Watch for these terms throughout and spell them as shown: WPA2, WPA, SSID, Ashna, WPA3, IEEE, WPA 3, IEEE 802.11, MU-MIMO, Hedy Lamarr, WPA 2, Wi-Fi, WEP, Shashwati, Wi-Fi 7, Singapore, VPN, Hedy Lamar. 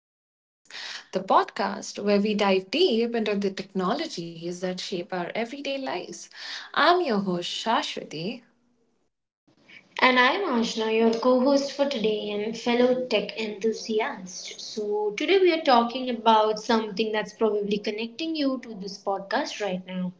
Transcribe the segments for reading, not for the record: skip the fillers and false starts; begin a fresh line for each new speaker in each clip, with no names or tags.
Riders, the podcast where we dive deep into the technologies that shape our everyday lives. I'm your host, Shashwati.
And I'm Ashna, your co host for today and fellow tech enthusiast. So, today we are talking about something that's probably connecting you to this podcast right now.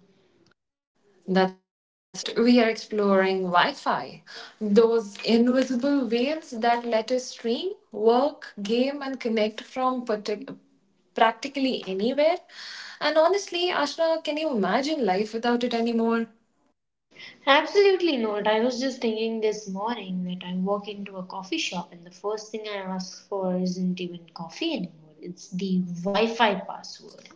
That's right, we are exploring Wi Fi, those invisible waves that let us stream, work, game, and connect from practically anywhere. And honestly, Ashna, can you imagine life without it anymore?
Absolutely not. I was just thinking this morning that I walk into a coffee shop and the first thing I ask for isn't even coffee anymore, it's the Wi Fi password.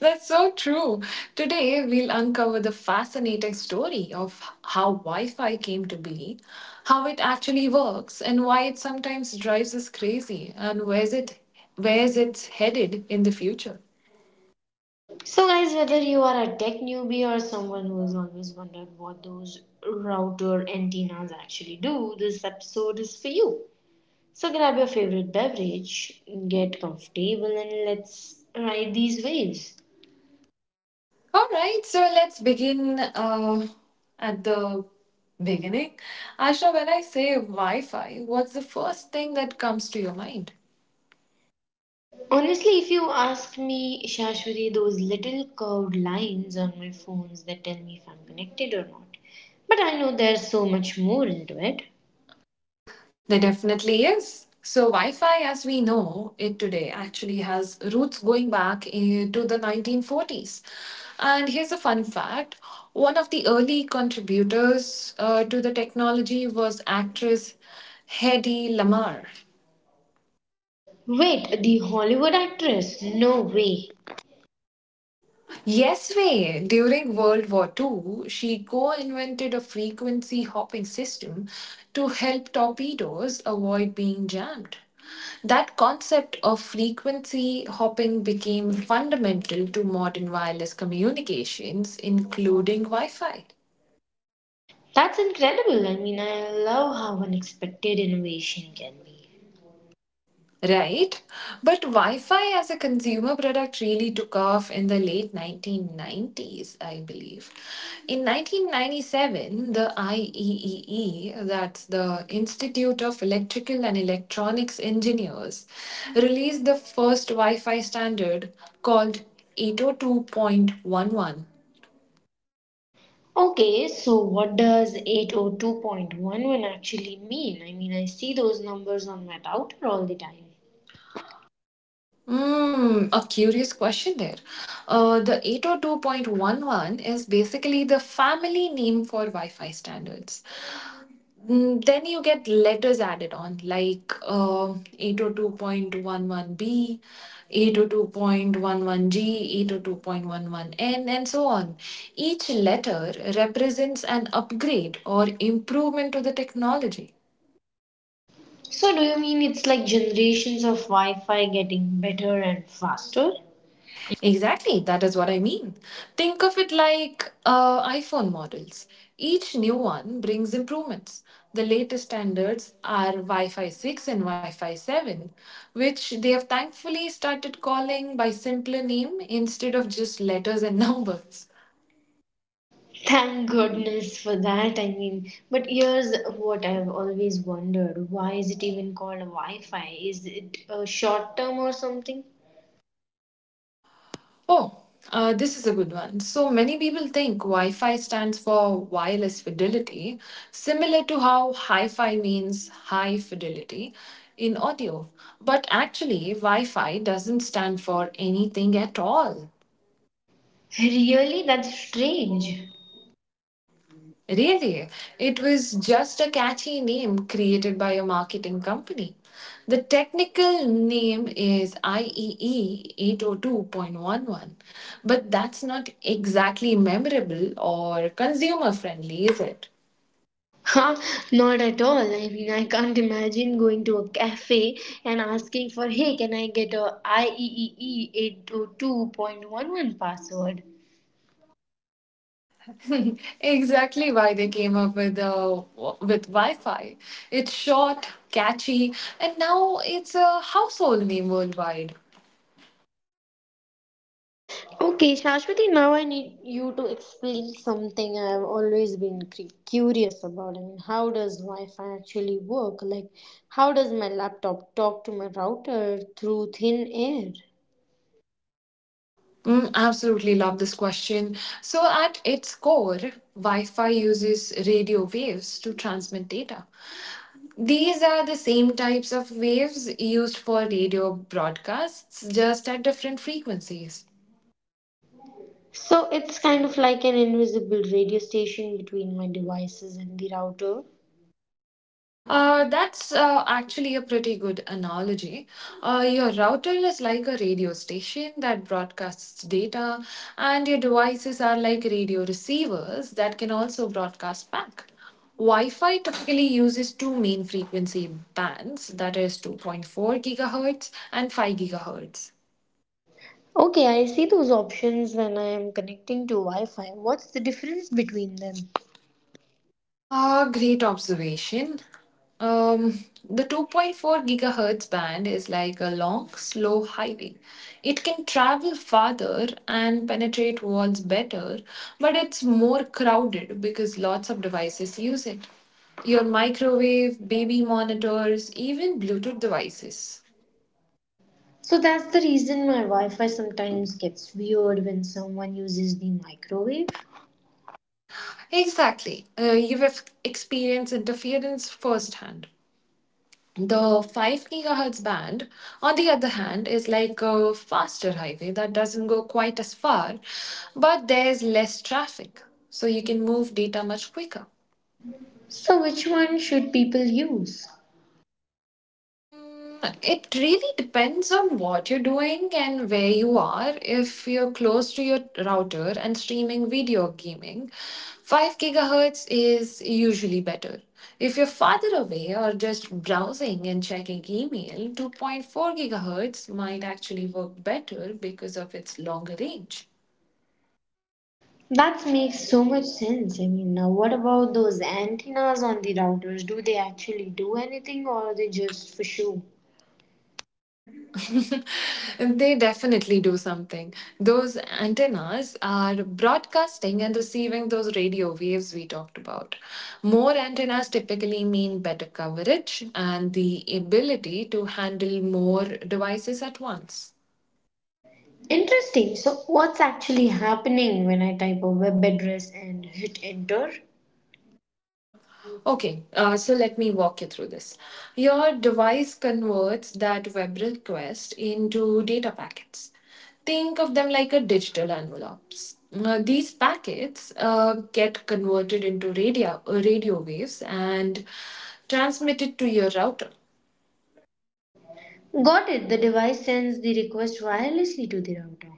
That's so true. Today, we'll uncover the fascinating story of how Wi Fi came to be, how it actually works, and why it sometimes drives us crazy, and where's it's headed in the future.
So, guys, whether you are a tech newbie or someone who has always wondered what those router antennas actually do, this episode is for you. So grab your favorite beverage, get comfortable, and let's ride these waves.
All right, so let's begin at the beginning. Asha, when I say Wi Fi, what's the first thing that comes to your mind?
Honestly, if you ask me, Shashwari, those little curved lines on my phones that tell me if I'm connected or not. But I know there's so much more into it.
There definitely is. So, Wi Fi as we know it today actually has roots going back to the 1940s. And here's a fun fact: one of the early contributors to the technology was actress Hedy Lamarr.
Wait, the Hollywood actress? No way.
Yes way. During World War Two, she co-invented a frequency hopping system to help torpedoes avoid being jammed. That concept of frequency hopping became fundamental to modern wireless communications, including Wi Fi.
That's incredible. I mean, I love how unexpected innovation can be.
Right? But Wi Fi as a consumer product really took off in the late 1990s, I believe. In 1997, the IEEE, that's the Institute of Electrical and Electronics Engineers, released the first Wi Fi standard called 802.11.
Okay, so what does 802.11 actually mean? I mean, I see those numbers on my router all the time.
A curious question there. The 802.11 is basically the family name for Wi Fi standards. Then you get letters added on, like 802.11b, 802.11g, 802.11n, and so on. Each letter represents an upgrade or improvement to the technology.
So, do you mean it's like generations of Wi Fi getting better and faster?
Exactly, that is what I mean. Think of it like iPhone models. Each new one brings improvements. The latest standards are Wi Fi 6 and Wi Fi 7, which they have thankfully started calling by simpler name instead of just letters and numbers.
Thank goodness for that. I mean, but here's what I've always wondered, why is it even called Wi Fi? Is it a short term or something?
Oh, this is a good one. So many people think Wi Fi stands for wireless fidelity, similar to how hi fi means high fidelity in audio. But actually, Wi Fi doesn't stand for anything at all.
Really? That's strange.
Really, it was just a catchy name created by a marketing company. The technical name is IEE 802.11, but that's not exactly memorable or consumer friendly, is it?
Huh? Not at all. I mean, I can't imagine going to a cafe and asking for, hey, can I get a IEEE 802.11 password?
Exactly why they came up with Wi-Fi. It's short, catchy, and now it's a household name worldwide.
Okay, Shashwati, now I need you to explain something I've always been curious about. I mean, how does Wi Fi actually work? Like, how does my laptop talk to my router through thin air?
Absolutely love this question. So, at its core, Wi Fi uses radio waves to transmit data. These are the same types of waves used for radio broadcasts, just at different frequencies.
So, it's kind of like an invisible radio station between my devices and the router.
That's actually a pretty good analogy. Your router is like a radio station that broadcasts data, and your devices are like radio receivers that can also broadcast back. Wi Fi typically uses two main frequency bands, that is 2.4 gigahertz and 5 gigahertz.
Okay, I see those options when I am connecting to Wi Fi. What's the difference between them?
Ah, great observation. Um, the 2.4 gigahertz band is like a long, slow highway. It can travel farther and penetrate walls better, but it's more crowded because lots of devices use it. Your microwave, baby monitors, even Bluetooth devices.
So that's the reason my Wi Fi sometimes gets weird when someone uses the microwave.
Exactly. You've experienced interference firsthand. The 5 gigahertz band, on the other hand, is like a faster highway that doesn't go quite as far, but there's less traffic, so you can move data much quicker.
So, which one should people use?
It really depends on what you're doing and where you are. If you're close to your router and streaming video gaming, 5 gigahertz is usually better. If you're farther away or just browsing and checking email, 2.4 gigahertz might actually work better because of its longer range.
That makes so much sense. I mean, now what about those antennas on the routers? Do they actually do anything or are they just for show?
They definitely do something. Those antennas are broadcasting and receiving those radio waves we talked about. More antennas typically mean better coverage and the ability to handle more devices at once.
Interesting. So, what's actually happening when I type a web address and hit enter?
Okay, so let me walk you through this. Your device converts that web request into data packets. Think of them like a digital envelopes. These packets get converted into radio waves and transmitted to your router.
Got it. The device sends the request wirelessly to the router.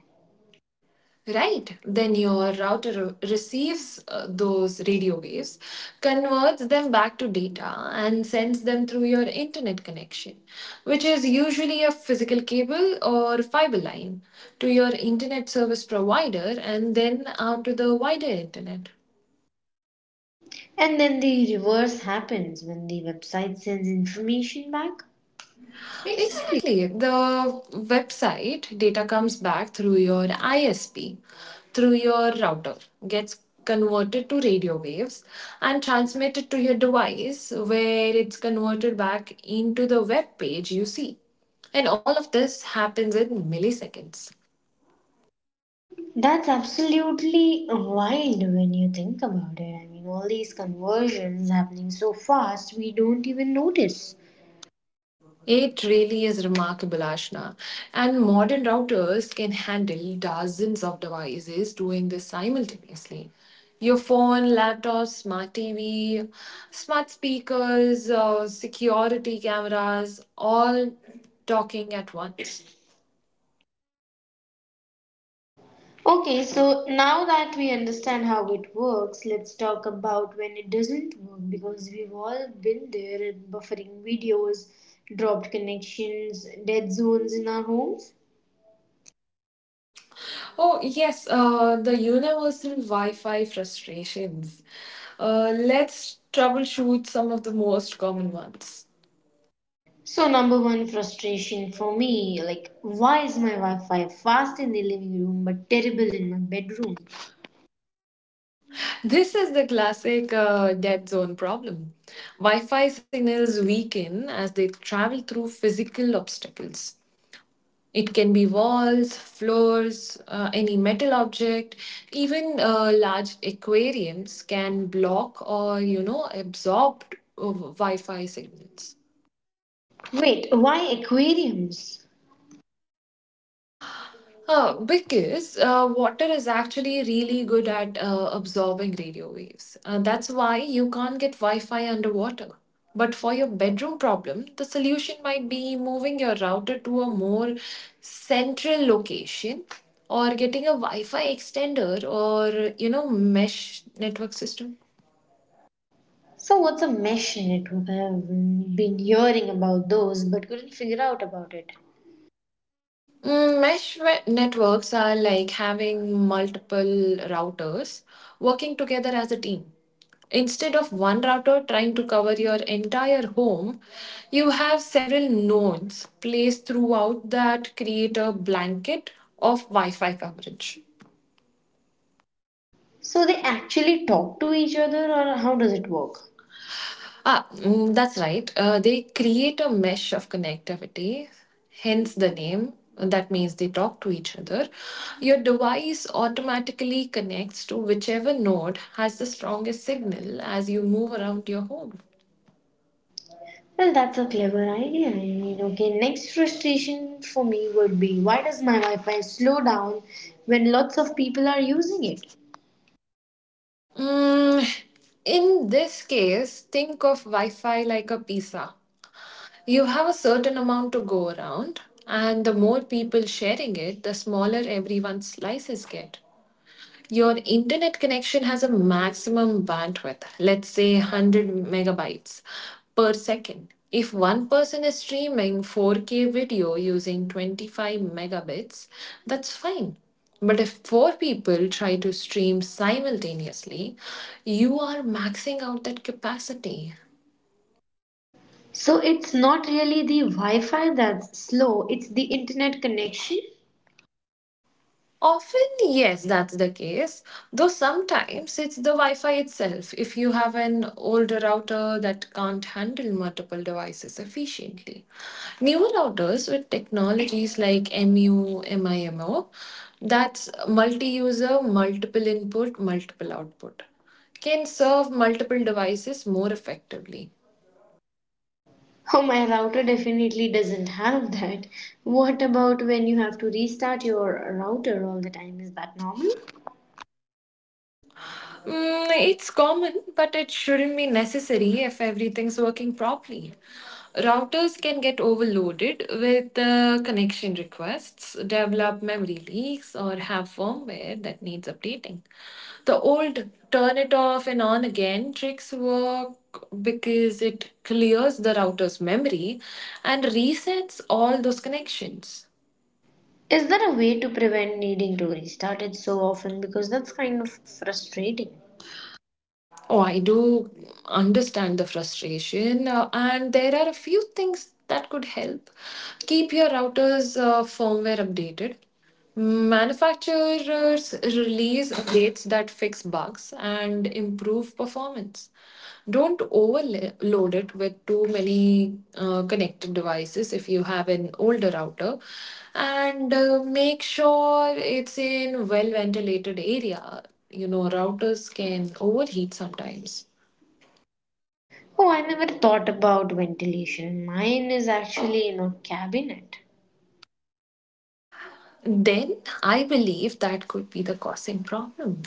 Right, then your router receives those radio waves, converts them back to data, and sends them through your internet connection, which is usually a physical cable or fiber line, to your internet service provider and then out to the wider internet.
And then the reverse happens when the website sends information back. Exactly.
Exactly. The website data comes back through your ISP, through your router, gets converted to radio waves and transmitted to your device where it's converted back into the web page you see. And all of this happens in milliseconds.
That's absolutely wild when you think about it. I mean, all these conversions happening so fast, we don't even notice.
It really is remarkable, Ashna. And modern routers can handle dozens of devices doing this simultaneously. Your phone, laptop, smart TV, smart speakers, security cameras, all talking at once.
Okay, so now that we understand how it works, let's talk about when it doesn't work because we've all been there, buffering videos, dropped connections, dead zones in our homes.
Oh, yes, the universal Wi Fi frustrations. Let's troubleshoot some of the most common ones.
So number one frustration for me, like why is my Wi-Fi fast in the living room but terrible in my bedroom?
This is the classic dead zone problem. Wi Fi signals weaken as they travel through physical obstacles. It can be walls, floors, any metal object, even large aquariums can block or absorb Wi Fi signals.
Wait, why aquariums?
Because water is actually really good at absorbing radio waves. That's why you can't get Wi Fi underwater. But for your bedroom problem, the solution might be moving your router to a more central location or getting a Wi Fi extender or, you know, mesh network system.
So what's a mesh network? I've been hearing about those but couldn't figure out about it.
Mesh networks are like having multiple routers working together as a team. Instead of one router trying to cover your entire home, you have several nodes placed throughout that create a blanket of Wi Fi coverage.
So they actually talk to each other or how does it work?
Ah, that's right. They create a mesh of connectivity, hence the name. That means they talk to each other. Your device automatically connects to whichever node has the strongest signal as you move around your home.
Well, that's a clever idea. I mean, okay, next frustration for me would be, why does my Wi Fi slow down when lots of people are using it?
Mm, in this case, think of Wi Fi like a pizza. You have a certain amount to go around, and the more people sharing it, the smaller everyone's slices get. Your internet connection has a maximum bandwidth, let's say 100 megabytes per second. If one person is streaming 4K video using 25 megabits, that's fine. But if four people try to stream simultaneously, you are maxing out that capacity.
So it's not really the Wi-Fi that's slow, it's the internet connection.
Often, yes, that's the case. Though sometimes it's the Wi Fi itself if you have an older router that can't handle multiple devices efficiently. Newer routers with technologies like MU, MIMO, that's multi user, multiple input, multiple output, can serve multiple devices more effectively.
Oh, my router definitely doesn't have that. What about when you have to restart your router all the time? Is that normal?
It's common, but it shouldn't be necessary if everything's working properly. Routers can get overloaded with connection requests, develop memory leaks, or have firmware that needs updating. The old turn it off and on again tricks work because it clears the router's memory and resets all those connections.
Is there a way to prevent needing to restart it so often? Because that's kind of frustrating.
Oh, I do understand the frustration, and there are a few things that could help. Keep your router's firmware updated. Manufacturers release updates that fix bugs and improve performance. Don't overload it with too many connected devices if you have an older router, and make sure it's in well ventilated area. Routers can overheat sometimes.
Oh, I never thought about ventilation. Mine is actually in a cabinet.
Then I believe that could be the causing problem.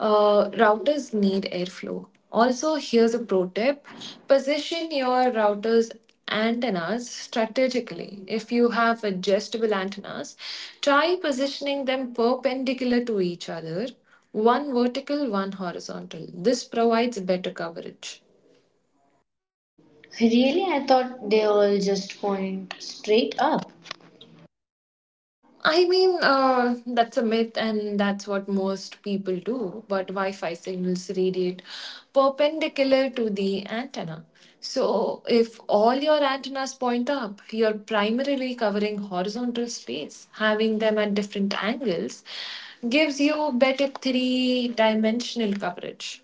Routers need airflow. Also, here's a pro tip: position your router's antennas strategically. If you have adjustable antennas, try positioning them perpendicular to each other, one vertical, one horizontal. This provides better coverage.
Really? I thought they all just point straight up.
I mean, that's a myth, and that's what most people do. But Wi Fi signals radiate perpendicular to the antenna. So, if all your antennas point up, you're primarily covering horizontal space. Having them at different angles gives you better three dimensional coverage.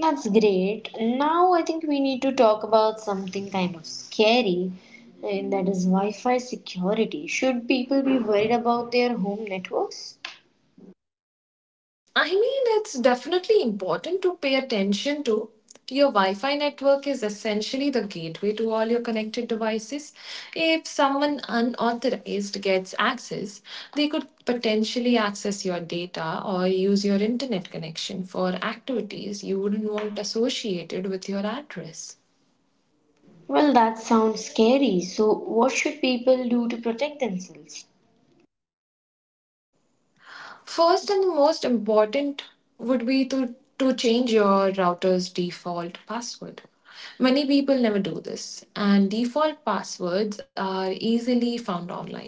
That's great. Now I think we need to talk about something kind of scary, and that is Wi Fi security. Should people be worried about their home networks?
I mean, it's definitely important to pay attention to. Your Wi Fi network is essentially the gateway to all your connected devices. If someone unauthorized gets access, they could potentially access your data or use your internet connection for activities you wouldn't want associated with your address.
Well, that sounds scary. So, what should people do to protect themselves?
First and the most important would be to change your router's default password. Many people never do this, and default passwords are easily found online.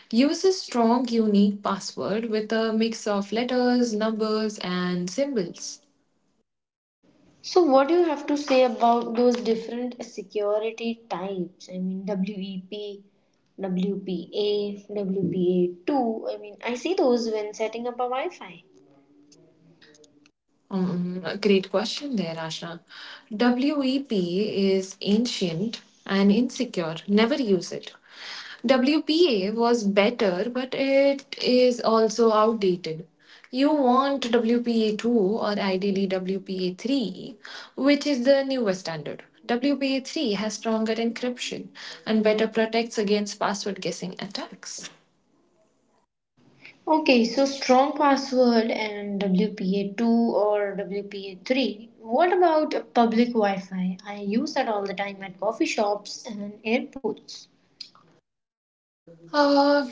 Use a strong, unique password with a mix of letters, numbers, and symbols.
So, what do you have to say about those different security types? I mean, WEP, WPA, WPA2. I mean, I see those when setting up a Wi Fi.
Great question there, Asha. WEP is ancient and insecure. Never use it. WPA was better, but it is also outdated. You want WPA 2 or ideally WPA 3, which is the newest standard. WPA 3 has stronger encryption and better protects against password guessing attacks.
Okay, so strong password and WPA2 or WPA3. What about a public Wi-Fi? I use that all the time at coffee shops and airports.
Uh,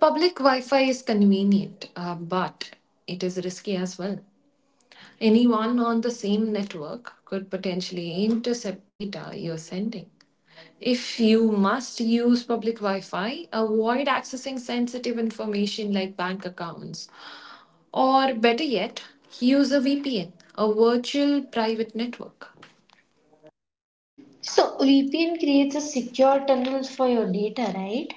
Public Wi Fi is convenient, but it is risky as well. Anyone on the same network could potentially intercept data you're sending. If you must use public Wi Fi, avoid accessing sensitive information like bank accounts. Or better yet, use a VPN, a virtual private network.
So VPN creates a secure tunnel for your data, right?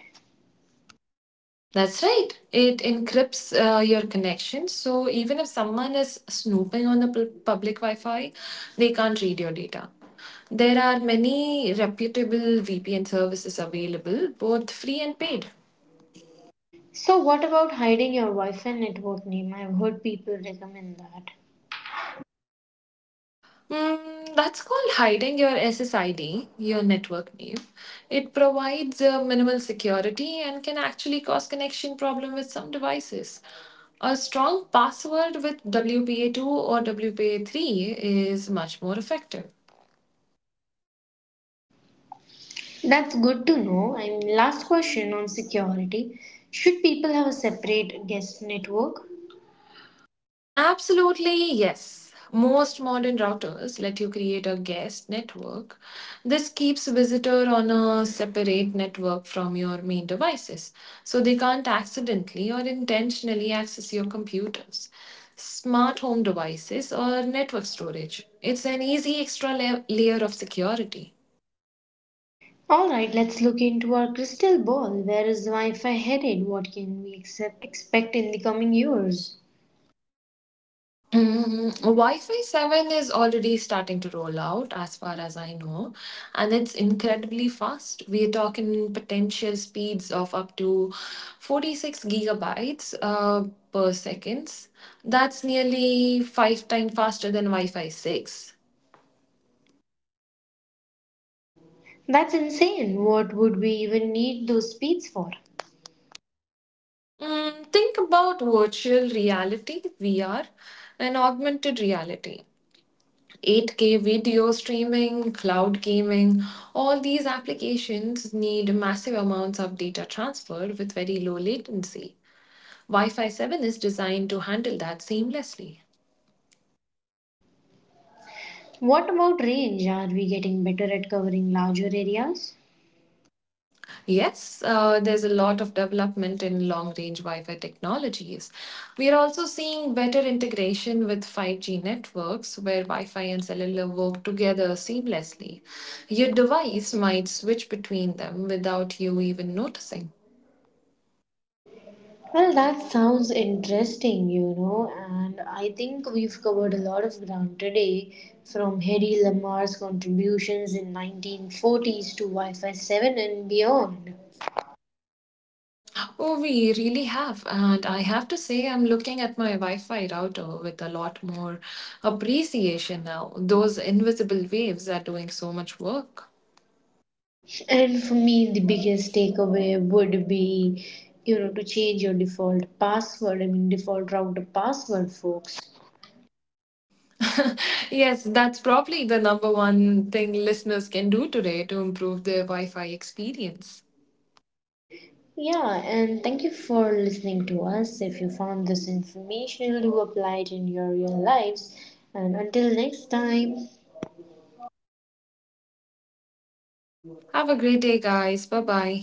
That's right. It encrypts your connection. So even if someone is snooping on a public Wi Fi, they can't read your data. There are many reputable VPN services available, both free and paid.
So what about hiding your Wi-Fi network name? I've heard people recommend that.
That's called hiding your SSID, your network name. It provides minimal security and can actually cause connection problem with some devices. A strong password with WPA2 or WPA3 is much more effective.
That's good to know. And last question on security. Should people have a separate guest network?
Absolutely, yes. Most modern routers let you create a guest network. This keeps visitor on a separate network from your main devices, so they can't accidentally or intentionally access your computers, smart home devices, or network storage. It's an easy extra layer of security.
All right, let's look into our crystal ball. Where is Wi-Fi headed? What can we accept, expect in the coming years?
Wi-Fi 7 is already starting to roll out, as far as I know, and it's incredibly fast. We're talking potential speeds of up to 46 gigabytes per seconds. That's nearly five times faster than Wi-Fi 6.
That's insane. What would we even need those speeds for?
Think about virtual reality, VR, and augmented reality. 8K video streaming, cloud gaming, all these applications need massive amounts of data transferred with very low latency. Wi Fi 7 is designed to handle that seamlessly.
What about range? Are we getting better at covering larger areas?
Yes, there's a lot of development in long range Wi Fi technologies. We are also seeing better integration with 5G networks where Wi Fi and cellular work together seamlessly. Your device might switch between them without you even noticing.
Well, that sounds interesting, you know, and I think we've covered a lot of ground today, from Hedy Lamar's contributions in 1940s to Wi-Fi 7 and beyond.
Oh, we really have. And I have to say, I'm looking at my Wi Fi router with a lot more appreciation now. Those invisible waves are doing so much work.
And for me, the biggest takeaway would be, you know, to change your default password. I mean, default router password, folks.
Yes, that's probably the number one thing listeners can do today to improve their Wi Fi experience.
Yeah, and thank you for listening to us. If you found this informational, do apply it in your real lives. And until next time.
Have a great day, guys. Bye bye.